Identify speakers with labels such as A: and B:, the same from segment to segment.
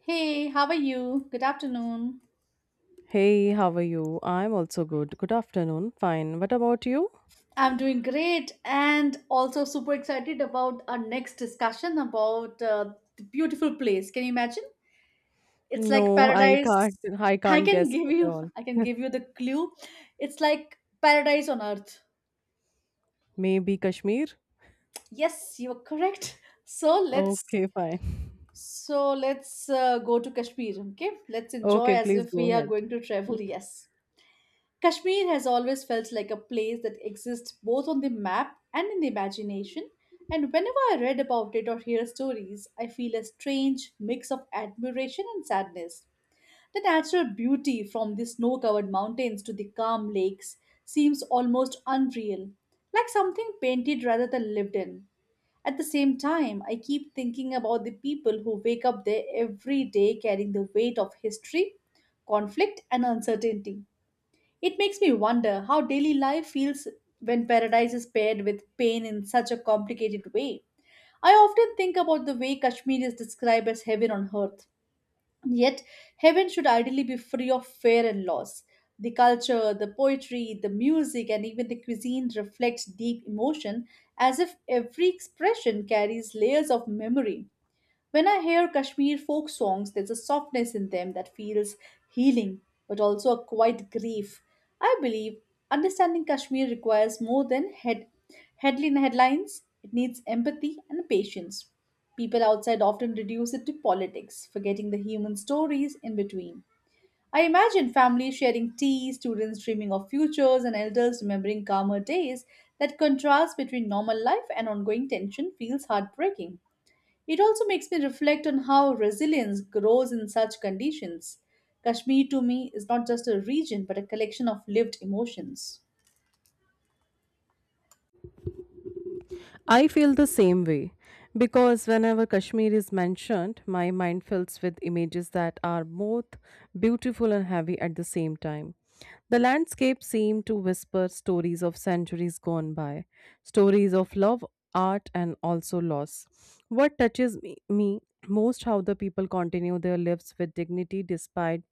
A: Hey, how are you? Good afternoon.
B: Hey, how are you? I'm also good. Good afternoon. Fine. What about you?
A: I'm doing great and also super excited about our next discussion about the beautiful place. Can you imagine? It's like
B: No, I can't.
A: paradise.
B: I
A: I
B: can't
A: can
B: guess
A: give
B: at
A: you
B: all.
A: I can give you the clue. It's like paradise on earth.
B: Maybe Kashmir?
A: Yes, you're correct. So let's
B: Okay, fine.
A: so let's uh, go to Kashmir, okay? Let's enjoy
B: Okay,
A: as
B: please
A: if
B: go
A: we are
B: ahead.
A: going to travel. Yes. Kashmir has always felt like a place that exists both on the map and in the imagination, and whenever I read about it or hear stories, I feel a strange mix of admiration and sadness. The natural beauty from the snow covered mountains to the calm lakes seems almost unreal, like something painted rather than lived in. At the same time, I keep thinking about the people who wake up there every day carrying the weight of history, conflict, and uncertainty. It makes me wonder how daily life feels when paradise is paired with pain in such a complicated way. I often think about the way Kashmir is described as heaven on earth. Yet, heaven should ideally be free of fear and loss. The culture, the poetry, the music, and even the cuisine reflects deep emotion as if every expression carries layers of memory. When I hear Kashmir folk songs, there's a softness in them that feels healing, but also a quiet grief. I believe understanding Kashmir requires more than headlines, it needs empathy and patience. People outside often reduce it to politics, forgetting the human stories in between. I imagine families sharing tea, students dreaming of futures, and elders remembering calmer days. That contrast between normal life and ongoing tension feels heartbreaking. It also makes me reflect on how resilience grows in such conditions. Kashmir to me is not just a region but a collection of lived emotions.
B: I feel the same way because whenever Kashmir is mentioned, my mind fills with images that are both beautiful and heavy at the same time. The landscape seemed to whisper stories of centuries gone by, stories of love, art, and also loss. What touches me most how the people continue their lives with dignity despite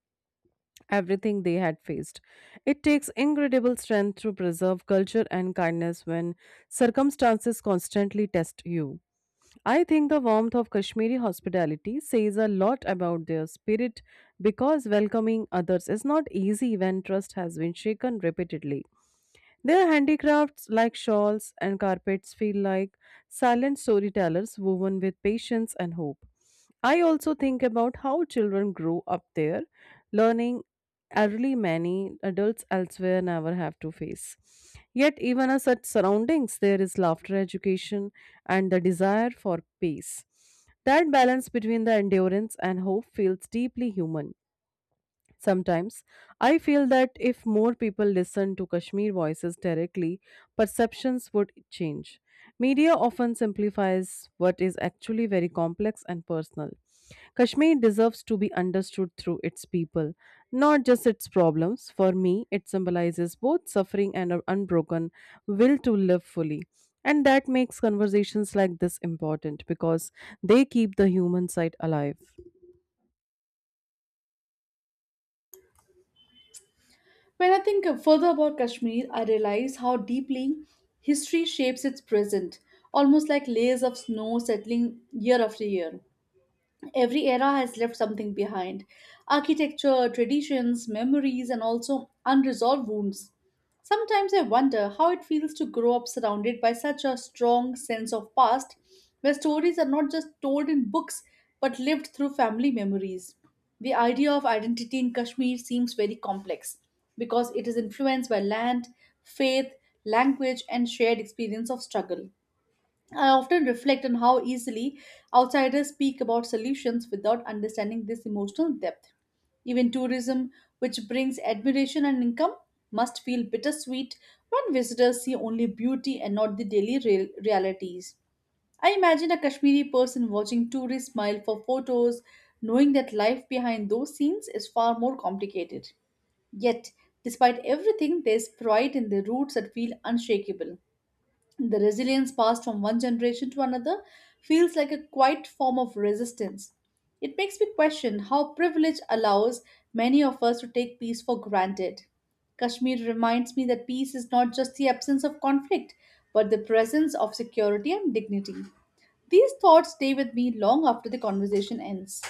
B: everything they had faced. It takes incredible strength to preserve culture and kindness when circumstances constantly test you. I think the warmth of Kashmiri hospitality says a lot about their spirit because welcoming others is not easy when trust has been shaken repeatedly. Their handicrafts like shawls and carpets feel like silent storytellers woven with patience and hope. I also think about how children grow up there, learning early many adults elsewhere never have to face. Yet, even in such surroundings, there is laughter education and the desire for peace. That balance between the endurance and hope feels deeply human. Sometimes I feel that if more people listened to Kashmir voices directly, perceptions would change. Media often simplifies what is actually very complex and personal. Kashmir deserves to be understood through its people, not just its problems. For me, it symbolizes both suffering and an unbroken will to live fully. And that makes conversations like this important because they keep the human side alive.
A: When I think further about Kashmir, I realize how deeply history shapes its present, almost like layers of snow settling year after year. Every era has left something behind architecture, traditions, memories, and also unresolved wounds. Sometimes I wonder how it feels to grow up surrounded by such a strong sense of past, where stories are not just told in books but lived through family memories. The idea of identity in Kashmir seems very complex because it is influenced by land, faith, language, and shared experience of struggle. I often reflect on how easily outsiders speak about solutions without understanding this emotional depth. Even tourism, which brings admiration and income, must feel bittersweet when visitors see only beauty and not the daily realities. I imagine a Kashmiri person watching tourists smile for photos, knowing that life behind those scenes is far more complicated. Yet, despite everything, there's pride in their roots that feel unshakable. The resilience passed from one generation to another feels like a quiet form of resistance. It makes me question how privilege allows many of us to take peace for granted. Kashmir reminds me that peace is not just the absence of conflict, but the presence of security and dignity. These thoughts stay with me long after the conversation ends.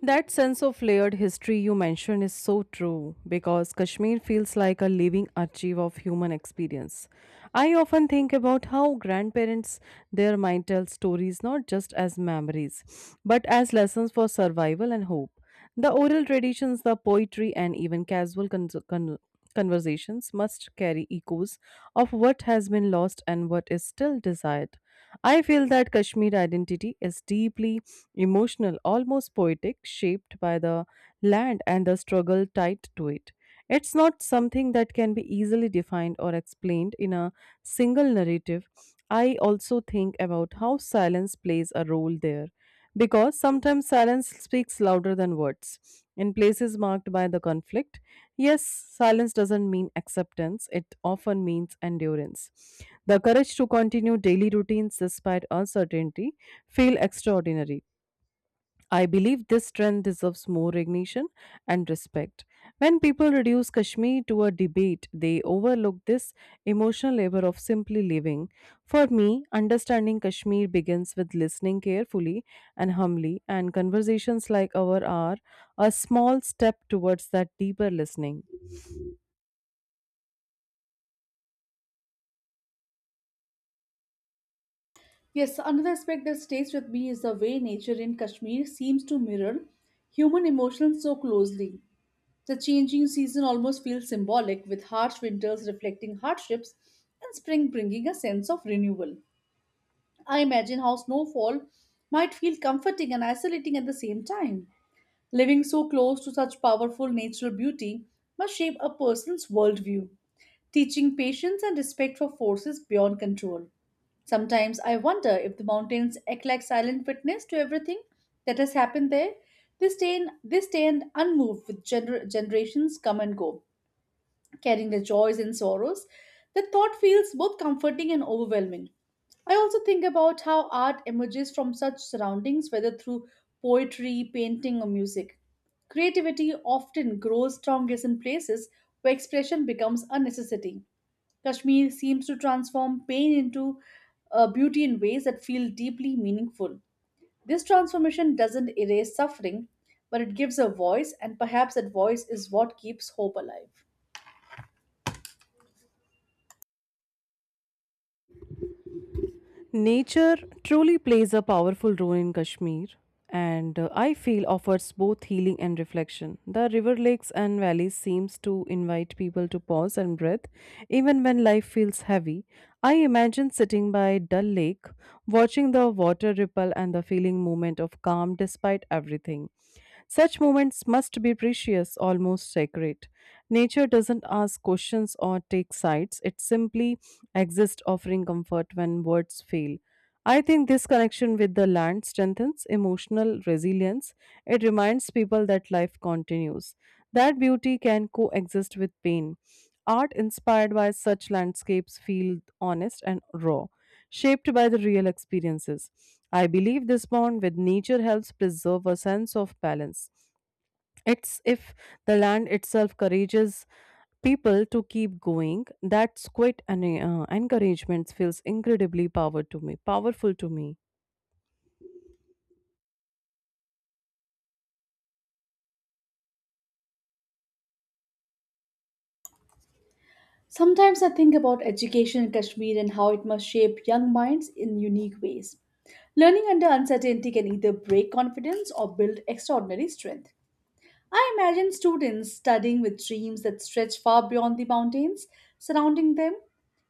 B: That sense of layered history you mentioned is so true because Kashmir feels like a living archive of human experience. I often think about how grandparents there might tell stories not just as memories but as lessons for survival and hope. The oral traditions, the poetry, and even casual conversations must carry echoes of what has been lost and what is still desired. I feel that Kashmir identity is deeply emotional, almost poetic, shaped by the land and the struggle tied to it. It's not something that can be easily defined or explained in a single narrative. I also think about how silence plays a role there. Because sometimes silence speaks louder than words. In places marked by the conflict, yes, silence doesn't mean acceptance, it often means endurance. The courage to continue daily routines despite uncertainty feel extraordinary. I believe this trend deserves more recognition and respect. When people reduce Kashmir to a debate, they overlook this emotional labor of simply living. For me, understanding Kashmir begins with listening carefully and humbly, and conversations like our are a small step towards that deeper listening.
A: Yes, another aspect that stays with me is the way nature in Kashmir seems to mirror human emotions so closely. The changing season almost feels symbolic, with harsh winters reflecting hardships and spring bringing a sense of renewal. I imagine how snowfall might feel comforting and isolating at the same time. Living so close to such powerful natural beauty must shape a person's worldview, teaching patience and respect for forces beyond control. Sometimes I wonder if the mountains act like silent witness to everything that has happened there. They stand unmoved with generations come and go carrying their joys and sorrows. The thought feels both comforting and overwhelming. I also think about how art emerges from such surroundings, whether through poetry, painting, or music. Creativity often grows strongest in places where expression becomes a necessity. Kashmir seems to transform pain into beauty in ways that feel deeply meaningful. This transformation doesn't erase suffering, but it gives a voice, and perhaps that voice is what keeps hope alive.
B: Nature truly plays a powerful role in Kashmir and I feel offers both healing and reflection. The river lakes and valleys seems to invite people to pause and breathe even when life feels heavy. I imagine sitting by Dal Lake, watching the water ripple and the feeling moment of calm despite everything. Such moments must be precious, almost sacred. Nature doesn't ask questions or take sides, it simply exists, offering comfort when words fail. I think this connection with the land strengthens emotional resilience. It reminds people that life continues, that beauty can coexist with pain. Art inspired by such landscapes feel honest and raw, shaped by the real experiences. I believe this bond with nature helps preserve a sense of balance it's if the land itself courages people to keep going. That's quite an encouragement feels incredibly power to powerful to me.
A: Sometimes I think about education in Kashmir and how it must shape young minds in unique ways. Learning under uncertainty can either break confidence or build extraordinary strength. I imagine students studying with dreams that stretch far beyond the mountains surrounding them.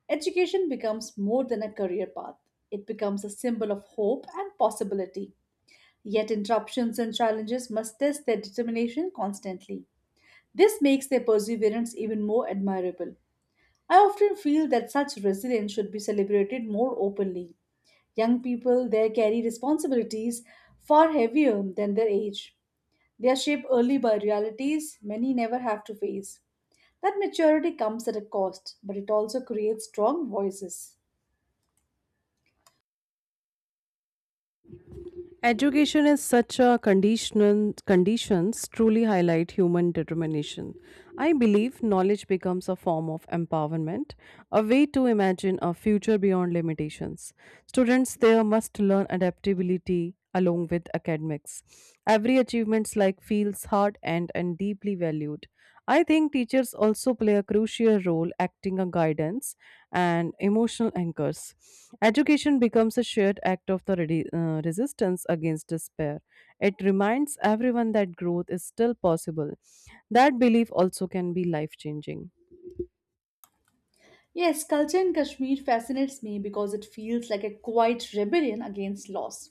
A: Education becomes more than a career path, it becomes a symbol of hope and possibility. Yet, interruptions and challenges must test their determination constantly. This makes their perseverance even more admirable. I often feel that such resilience should be celebrated more openly. Young people there carry responsibilities far heavier than their age. They are shaped early by realities many never have to face. That maturity comes at a cost, but it also creates strong voices.
B: Education is such a conditions truly highlight human determination. I believe knowledge becomes a form of empowerment, a way to imagine a future beyond limitations. Students there must learn adaptability along with academics. Every achievements like feels hard and deeply valued. I think teachers also play a crucial role acting as guidance and emotional anchors. Education becomes a shared act of the resistance against despair. It reminds everyone that growth is still possible that belief also can be life changing.
A: Yes, culture in Kashmir fascinates me because it feels like a quiet rebellion against loss.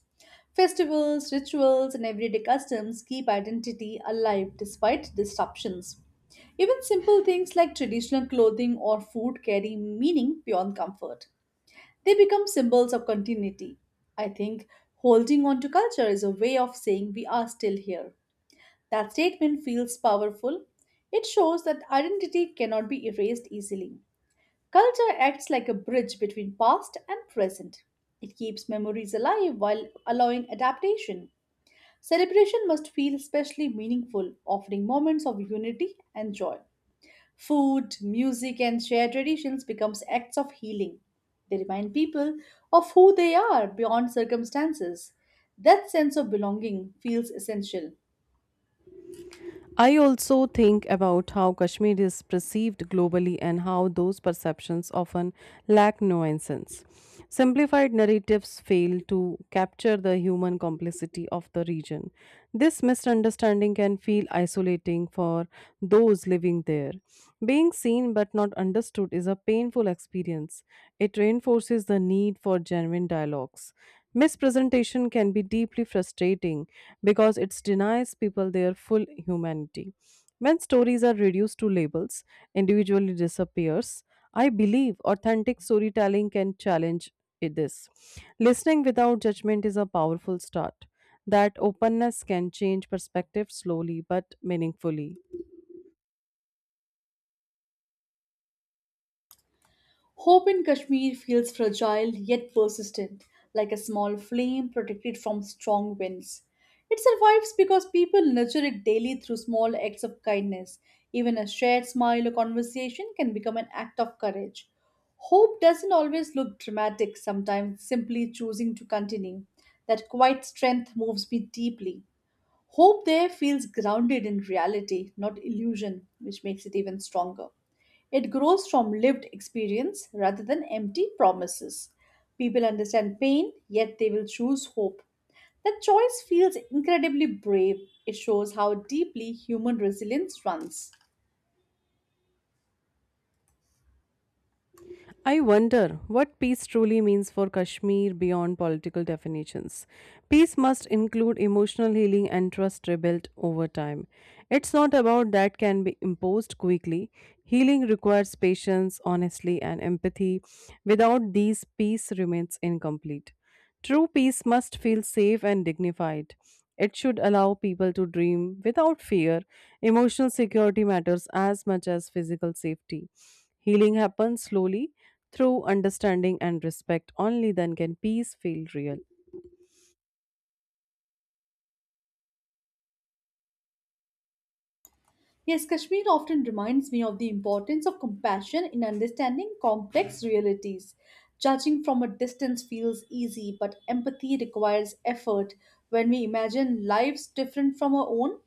A: Festivals, rituals, and everyday customs keep identity alive despite disruptions. Even simple things like traditional clothing or food carry meaning beyond comfort. They become symbols of continuity. I think holding on to culture is a way of saying we are still here. That statement feels powerful. It shows that identity cannot be erased easily. Culture acts like a bridge between past and present. It keeps memories alive while allowing adaptation. Celebration must feel especially meaningful, offering moments of unity and joy. Food, music, and shared traditions becomes acts of healing. They remind people of who they are beyond circumstances. That sense of belonging feels essential.
B: I also think about how Kashmir is perceived globally and how those perceptions often lack nuances. Simplified narratives fail to capture the human complexity of the region. This misunderstanding can feel isolating for those living there. Being seen but not understood is a painful experience. It reinforces the need for genuine dialogues. Mispresentation can be deeply frustrating because it denies people their full humanity. When stories are reduced to labels, individually disappears. I believe authentic storytelling can challenge this. Listening without judgment is a powerful start. That openness can change perspective slowly but meaningfully.
A: Hope in Kashmir feels fragile yet persistent, like a small flame protected from strong winds. It survives because people nurture it daily through small acts of kindness. Even a shared smile or conversation can become an act of courage. Hope doesn't always look dramatic, sometimes simply choosing to continue. That quiet strength moves me deeply. Hope there feels grounded in reality, not illusion, which makes it even stronger. It grows from lived experience rather than empty promises. People understand pain, yet they will choose hope. That choice feels incredibly brave. It shows how deeply human resilience runs.
B: I wonder what peace truly means for Kashmir beyond political definitions. Peace must include emotional healing and trust rebuilt over time. It's not about that can be imposed quickly. Healing requires patience, honesty, and empathy. Without these, peace remains incomplete. True peace must feel safe and dignified. It should allow people to dream without fear. Emotional security matters as much as physical safety. Healing happens slowly through understanding and respect, only then can peace feel real.
A: Yes, Kashmir often reminds me of the importance of compassion in understanding complex realities. Judging from a distance feels easy, but empathy requires effort. When we imagine lives different from our own,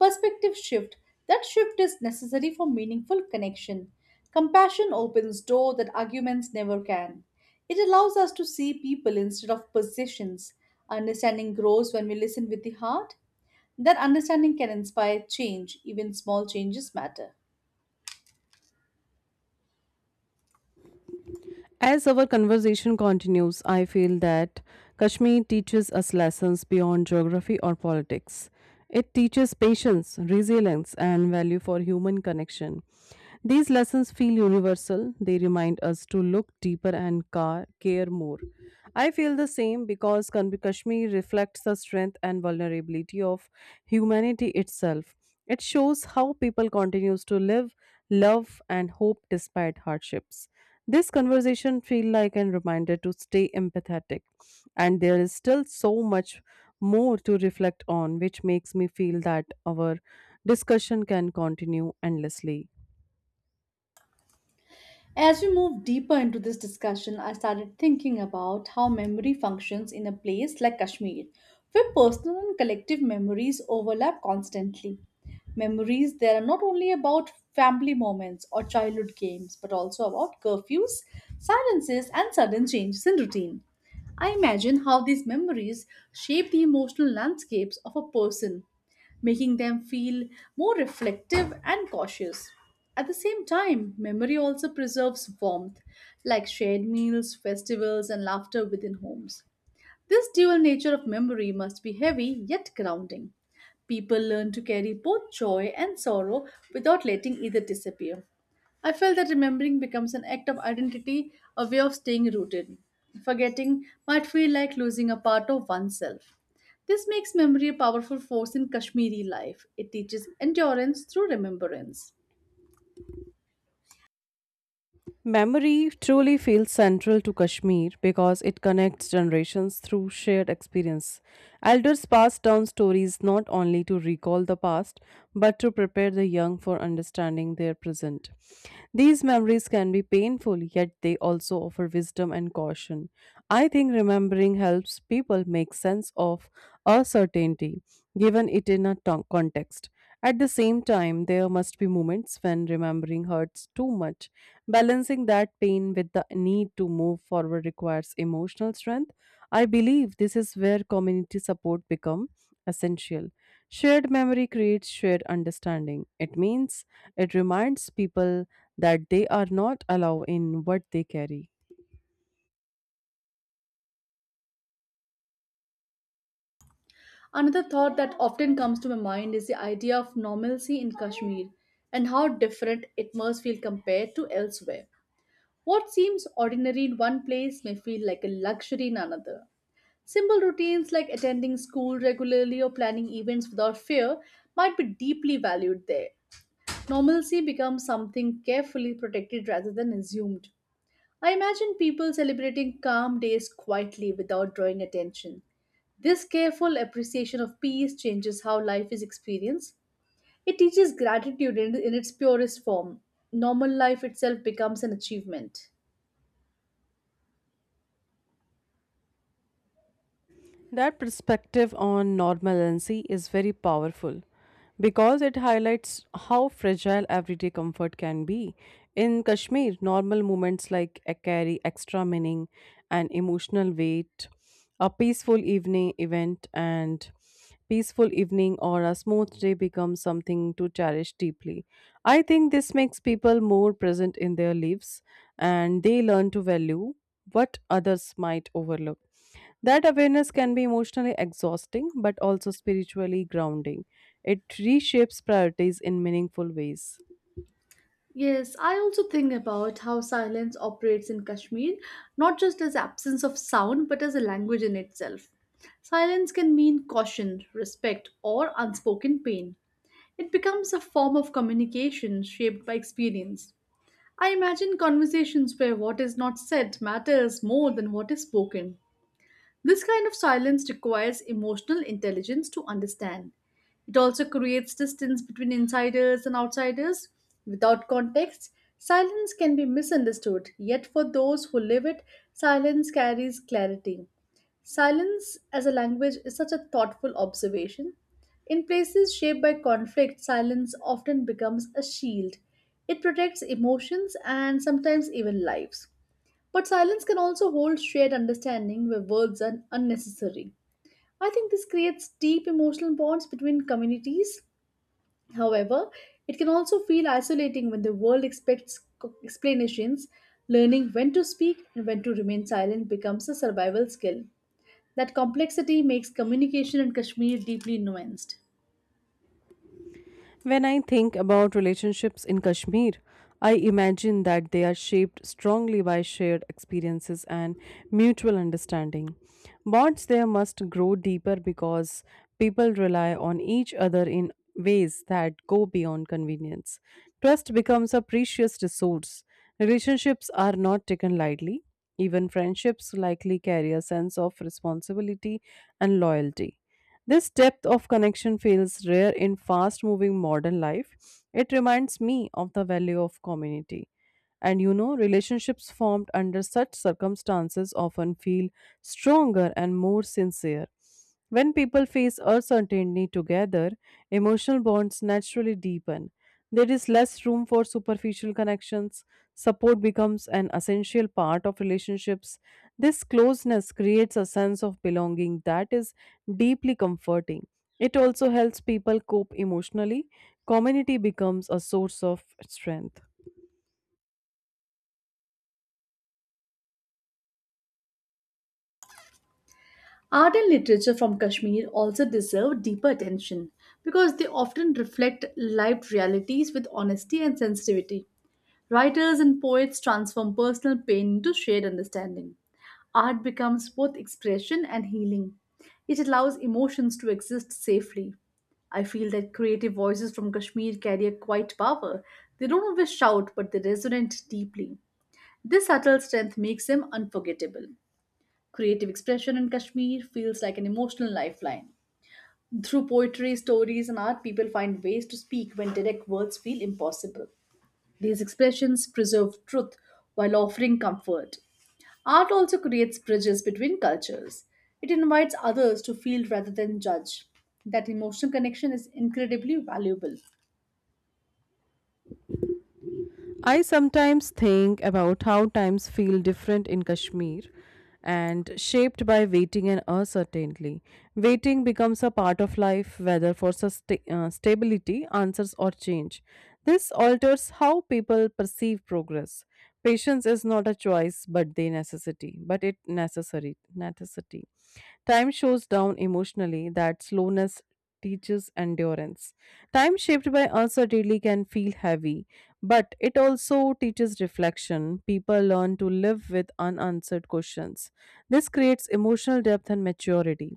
A: perspective shift. That shift is necessary for meaningful connection. Compassion opens doors that arguments never can. It allows us to see people instead of positions. Understanding grows when we listen with the heart. That understanding can inspire change, even small changes matter.
B: As our conversation continues, I feel that Kashmir teaches us lessons beyond geography or politics. It teaches patience, resilience, and value for human connection. These lessons feel universal. They remind us to look deeper and care more. I feel the same because Kashmir reflects the strength and vulnerability of humanity itself. It shows how people continues to live, love, and hope despite hardships. This conversation feel like a reminder to stay empathetic, and there is still so much more to reflect on, which makes me feel that our discussion can continue endlessly.
A: As we move deeper into this discussion, I started thinking about how memory functions in a place like Kashmir, where personal and collective memories overlap constantly. Memories there are not only about family moments or childhood games, but also about curfews, silences, and sudden changes in routine. I imagine how these memories shape the emotional landscapes of a person making them feel more reflective and cautious. At the same time, memory also preserves warmth, like shared meals, festivals, and laughter within homes. This dual nature of memory must be heavy yet grounding. People learn to carry both joy and sorrow without letting either disappear. I felt that remembering becomes an act of identity, a way of staying rooted. Forgetting might feel like losing a part of oneself. This makes memory a powerful force in Kashmiri life. It teaches endurance through remembrance.
B: Memory truly feels central to Kashmir because it connects generations through shared experience. Elders pass down stories not only to recall the past but to prepare the young for understanding their present. These memories can be painful, yet they also offer wisdom and caution. I think remembering helps people make sense of uncertainty, given it in a context. At the same time, there must be moments when remembering hurts too much. Balancing that pain with the need to move forward requires emotional strength. I believe this is where community support becomes essential. Shared memory creates shared understanding. It means it reminds people that they are not allowed in what they carry.
A: Another thought that often comes to my mind is the idea of normalcy in Kashmir and how different it must feel compared to elsewhere. What seems ordinary in one place may feel like a luxury in another. Simple routines like attending school regularly or planning events without fear might be deeply valued there. Normalcy becomes something carefully protected rather than assumed. I imagine people celebrating calm days quietly without drawing attention. This careful appreciation of peace changes how life is experienced. It teaches gratitude in its purest form. Normal life itself becomes an achievement.
B: That perspective on normalcy is very powerful because it highlights how fragile everyday comfort can be. In Kashmir, normal moments like a carry extra meaning and emotional weight. A peaceful evening or a smooth day becomes something to cherish deeply. I think this makes people more present in their lives and they learn to value what others might overlook. That awareness can be emotionally exhausting, but also spiritually grounding. It reshapes priorities in meaningful ways.
A: Yes, I also think about how silence operates in Kashmir, not just as absence of sound, but as a language in itself. Silence can mean caution, respect, or unspoken pain. It becomes a form of communication shaped by experience. I imagine conversations where what is not said matters more than what is spoken. This kind of silence requires emotional intelligence to understand. It also creates distance between insiders and outsiders. Without context, silence can be misunderstood, yet, for those who live it, silence carries clarity. Silence as a language is such a thoughtful observation. In places shaped by conflict, silence often becomes a shield. It protects emotions and sometimes even lives. But silence can also hold shared understanding where words are unnecessary. I think this creates deep emotional bonds between communities. However, it can also feel isolating when the world expects explanations. Learning when to speak and when to remain silent becomes a survival skill. That complexity makes communication in Kashmir deeply nuanced.
B: When I think about relationships in Kashmir, I imagine that they are shaped strongly by shared experiences and mutual understanding. Bonds there must grow deeper because people rely on each other in ways that go beyond convenience. Trust becomes a precious resource. Relationships are not taken lightly. Even friendships likely carry a sense of responsibility and loyalty. This depth of connection feels rare in fast moving modern life. It reminds me of the value of community. And you know, relationships formed under such circumstances often feel stronger and more sincere. When people face uncertainty together, emotional bonds naturally deepen. There is less room for superficial connections. Support becomes an essential part of relationships. This closeness creates a sense of belonging that is deeply comforting. It also helps people cope emotionally. Community becomes a source of strength.
A: Art and literature from Kashmir also deserve deeper attention because they often reflect lived realities with honesty and sensitivity. Writers and poets transform personal pain into shared understanding. Art becomes both expression and healing. It allows emotions to exist safely. I feel that creative voices from Kashmir carry a quiet power. They don't always shout, but they resonate deeply. This subtle strength makes them unforgettable. Creative expression in Kashmir feels like an emotional lifeline. Through poetry, stories, and art, people find ways to speak when direct words feel impossible. These expressions preserve truth while offering comfort. Art also creates bridges between cultures. It invites others to feel rather than judge. That emotional connection is incredibly valuable.
B: I sometimes think about how times feel different in Kashmir and shaped by waiting and uncertainty. Waiting becomes a part of life, whether for stability, answers, or change. This alters how people perceive progress. Patience is not a choice, but they necessity. But it necessary necessity. Time shows down emotionally that slowness teaches endurance. Time shaped by uncertainty can feel heavy, but it also teaches reflection. People learn to live with unanswered questions. This creates emotional depth and maturity.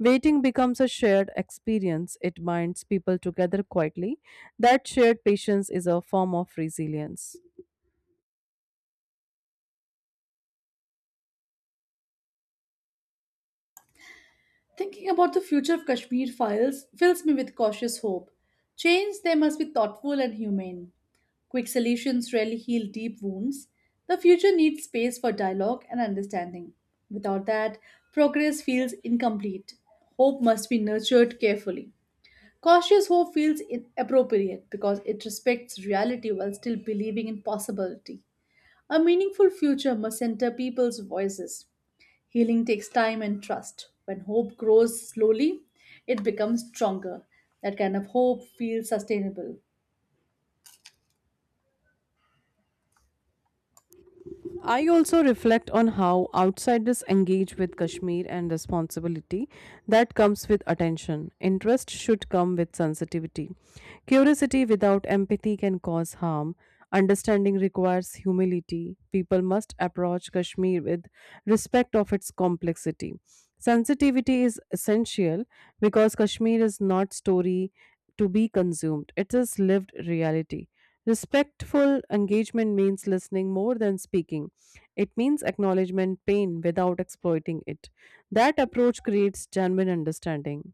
B: Waiting becomes a shared experience. It binds people together quietly. That shared patience is a form of resilience.
A: Thinking about the future of Kashmir files fills me with cautious hope. Change there must be thoughtful and humane. Quick solutions rarely heal deep wounds. The future needs space for dialogue and understanding. Without that, progress feels incomplete. Hope must be nurtured carefully. Cautious hope feels appropriate because it respects reality while still believing in possibility. A meaningful future must center people's voices. Healing takes time and trust. When hope grows slowly, it becomes stronger. That kind of hope feels sustainable.
B: I also reflect on how outsiders engage with Kashmir and responsibility that comes with attention. Interest should come with sensitivity. Curiosity without empathy can cause harm. Understanding requires humility. People must approach Kashmir with respect of its complexity. Sensitivity is essential because Kashmir is not story to be consumed. It is lived reality. Respectful engagement means listening more than speaking it means acknowledgement pain without exploiting it. That approach creates genuine understanding.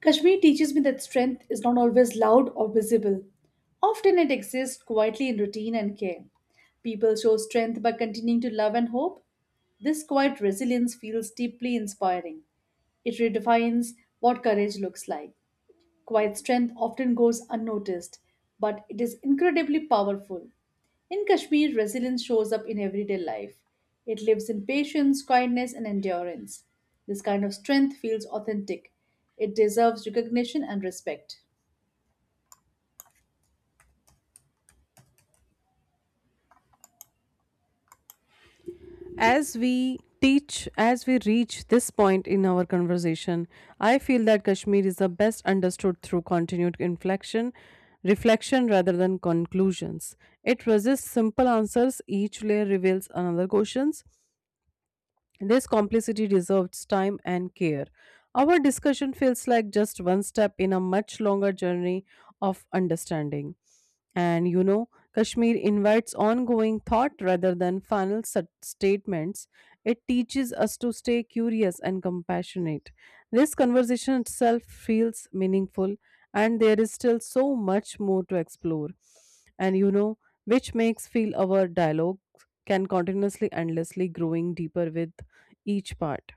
A: Kashmir teaches me that strength is not always loud or visible. Often it exists quietly in routine and care. People show strength by continuing to love and hope. This quiet resilience feels deeply inspiring. It redefines what courage looks like. Quiet strength often goes unnoticed, but it is incredibly powerful. In Kashmir, resilience shows up in everyday life. It lives in patience, kindness, and endurance. This kind of strength feels authentic. It deserves recognition and respect.
B: As we reach this point in our conversation, I feel that Kashmir is the best understood through continued reflection rather than conclusions. It resists simple answers, each layer reveals another questions This complicity deserves time and care. Our discussion feels like just one step in a much longer journey of understanding. And you know, Kashmir invites ongoing thought rather than final statements. It teaches us to stay curious and compassionate. This conversation itself feels meaningful, and there is still so much more to explore. And you know, which makes feel our dialogue can continuously endlessly growing deeper with each part.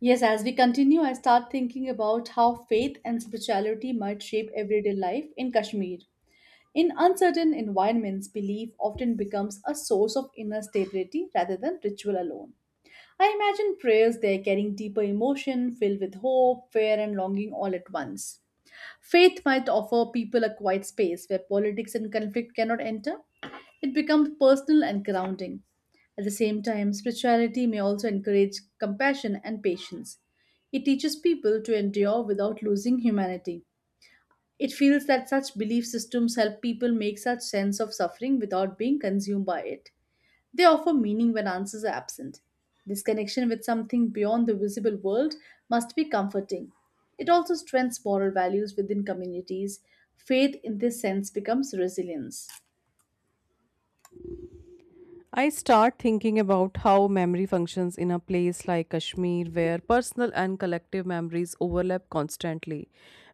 A: Yes, as we continue, I start thinking about how faith and spirituality might shape everyday life in Kashmir. In uncertain environments, belief often becomes a source of inner stability rather than ritual alone. I imagine prayers there carrying deeper emotion, filled with hope, fear, and longing all at once. Faith might offer people a quiet space where politics and conflict cannot enter. It becomes personal and grounding. At the same time, spirituality may also encourage compassion and patience. It teaches people to endure without losing humanity. It feels that such belief systems help people make such sense of suffering without being consumed by it. They offer meaning when answers are absent. This connection with something beyond the visible world must be comforting. It also strengthens moral values within communities. Faith in this sense becomes resilience.
B: I start thinking about how memory functions in a place like Kashmir, where personal and collective memories overlap constantly.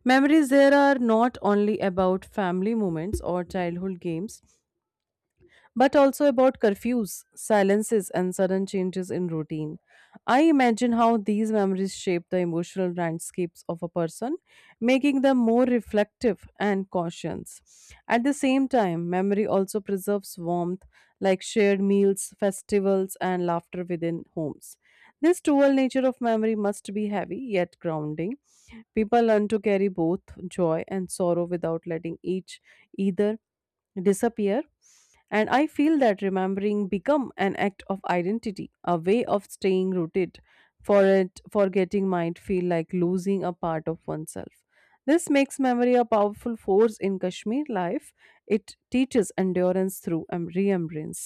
B: Memories there are not only about family moments or childhood games, but also about curfews, silences, and sudden changes in routine. I imagine how these memories shape the emotional landscapes of a person, making them more reflective and cautious. At the same time, memory also preserves warmth, like shared meals, festivals, and laughter within homes. This dual nature of memory must be heavy yet grounding. People learn to carry both joy and sorrow without letting each either disappear. And I feel that remembering become an act of identity, a way of staying rooted. Forgetting might feel like losing a part of oneself. This makes memory a powerful force in Kashmir life. It teaches endurance through remembrance.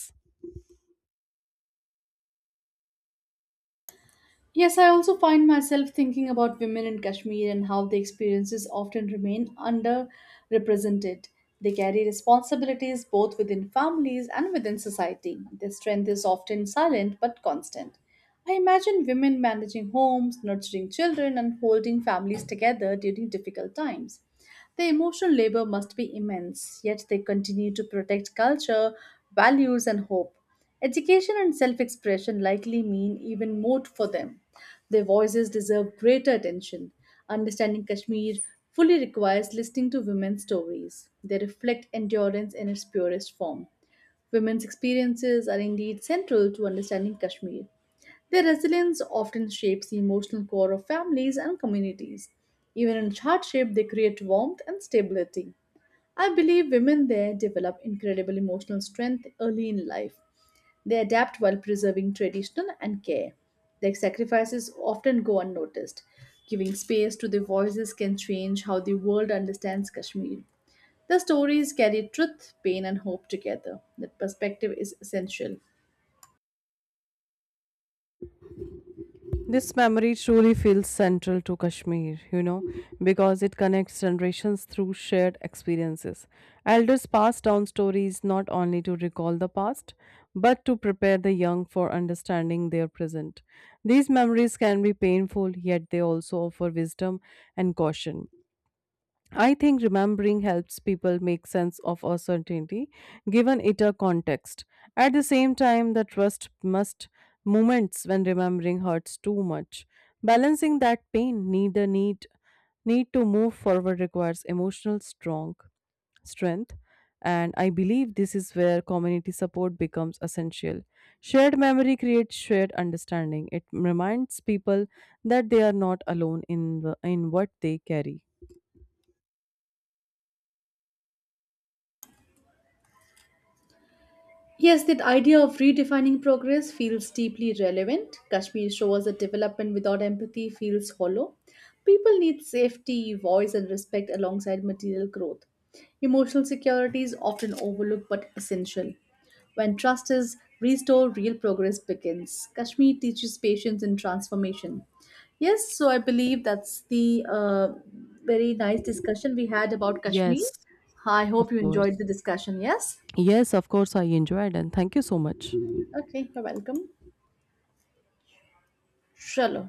A: Yes, I also find myself thinking about women in Kashmir and how their experiences often remain underrepresented. They carry responsibilities both within families and within society. Their strength is often silent but constant. I imagine women managing homes, nurturing children, and holding families together during difficult times. The emotional labor must be immense, yet they continue to protect culture, values, and hope. Education and self expression likely mean even more for them. Their voices deserve greater attention. Understanding Kashmir fully requires listening to women's stories. They reflect endurance in its purest form. Women's experiences are indeed central to understanding Kashmir. Their resilience often shapes the emotional core of families and communities. Even in hardship, they create warmth and stability. I believe women there develop incredible emotional strength early in life. They adapt while preserving tradition and care. Their sacrifices often go unnoticed. Giving space to their voices can change how the world understands Kashmir. Their stories carry truth, pain, and hope together. That perspective is essential.
B: This memory truly feels central to Kashmir, you know, because it connects generations through shared experiences. Elders pass down stories not only to recall the past, but to prepare the young for understanding their present. These memories can be painful, yet they also offer wisdom and caution. I think remembering helps people make sense of uncertainty, given it a context. At the same time, the trust must moments when remembering hurts too much. Balancing that pain, need the need need to move forward requires emotional strong strength. And I believe this is where community support becomes essential. Shared memory creates shared understanding. It reminds people that they are not alone in in what they carry.
A: Yes, that idea of redefining progress feels deeply relevant. Kashmir shows that development without empathy feels hollow. People need safety, voice, and respect alongside material growth. Emotional security is often overlooked but essential. When trust is restored, real progress begins. Kashmir teaches patience and transformation. Yes, so I believe that's the very nice discussion we had about Kashmir.
B: Yes,
A: I
B: of
A: hope you enjoyed
B: course.
A: the discussion. Yes?
B: Yes, of course, I enjoyed, and thank you so much.
A: Okay, you're welcome. Claro.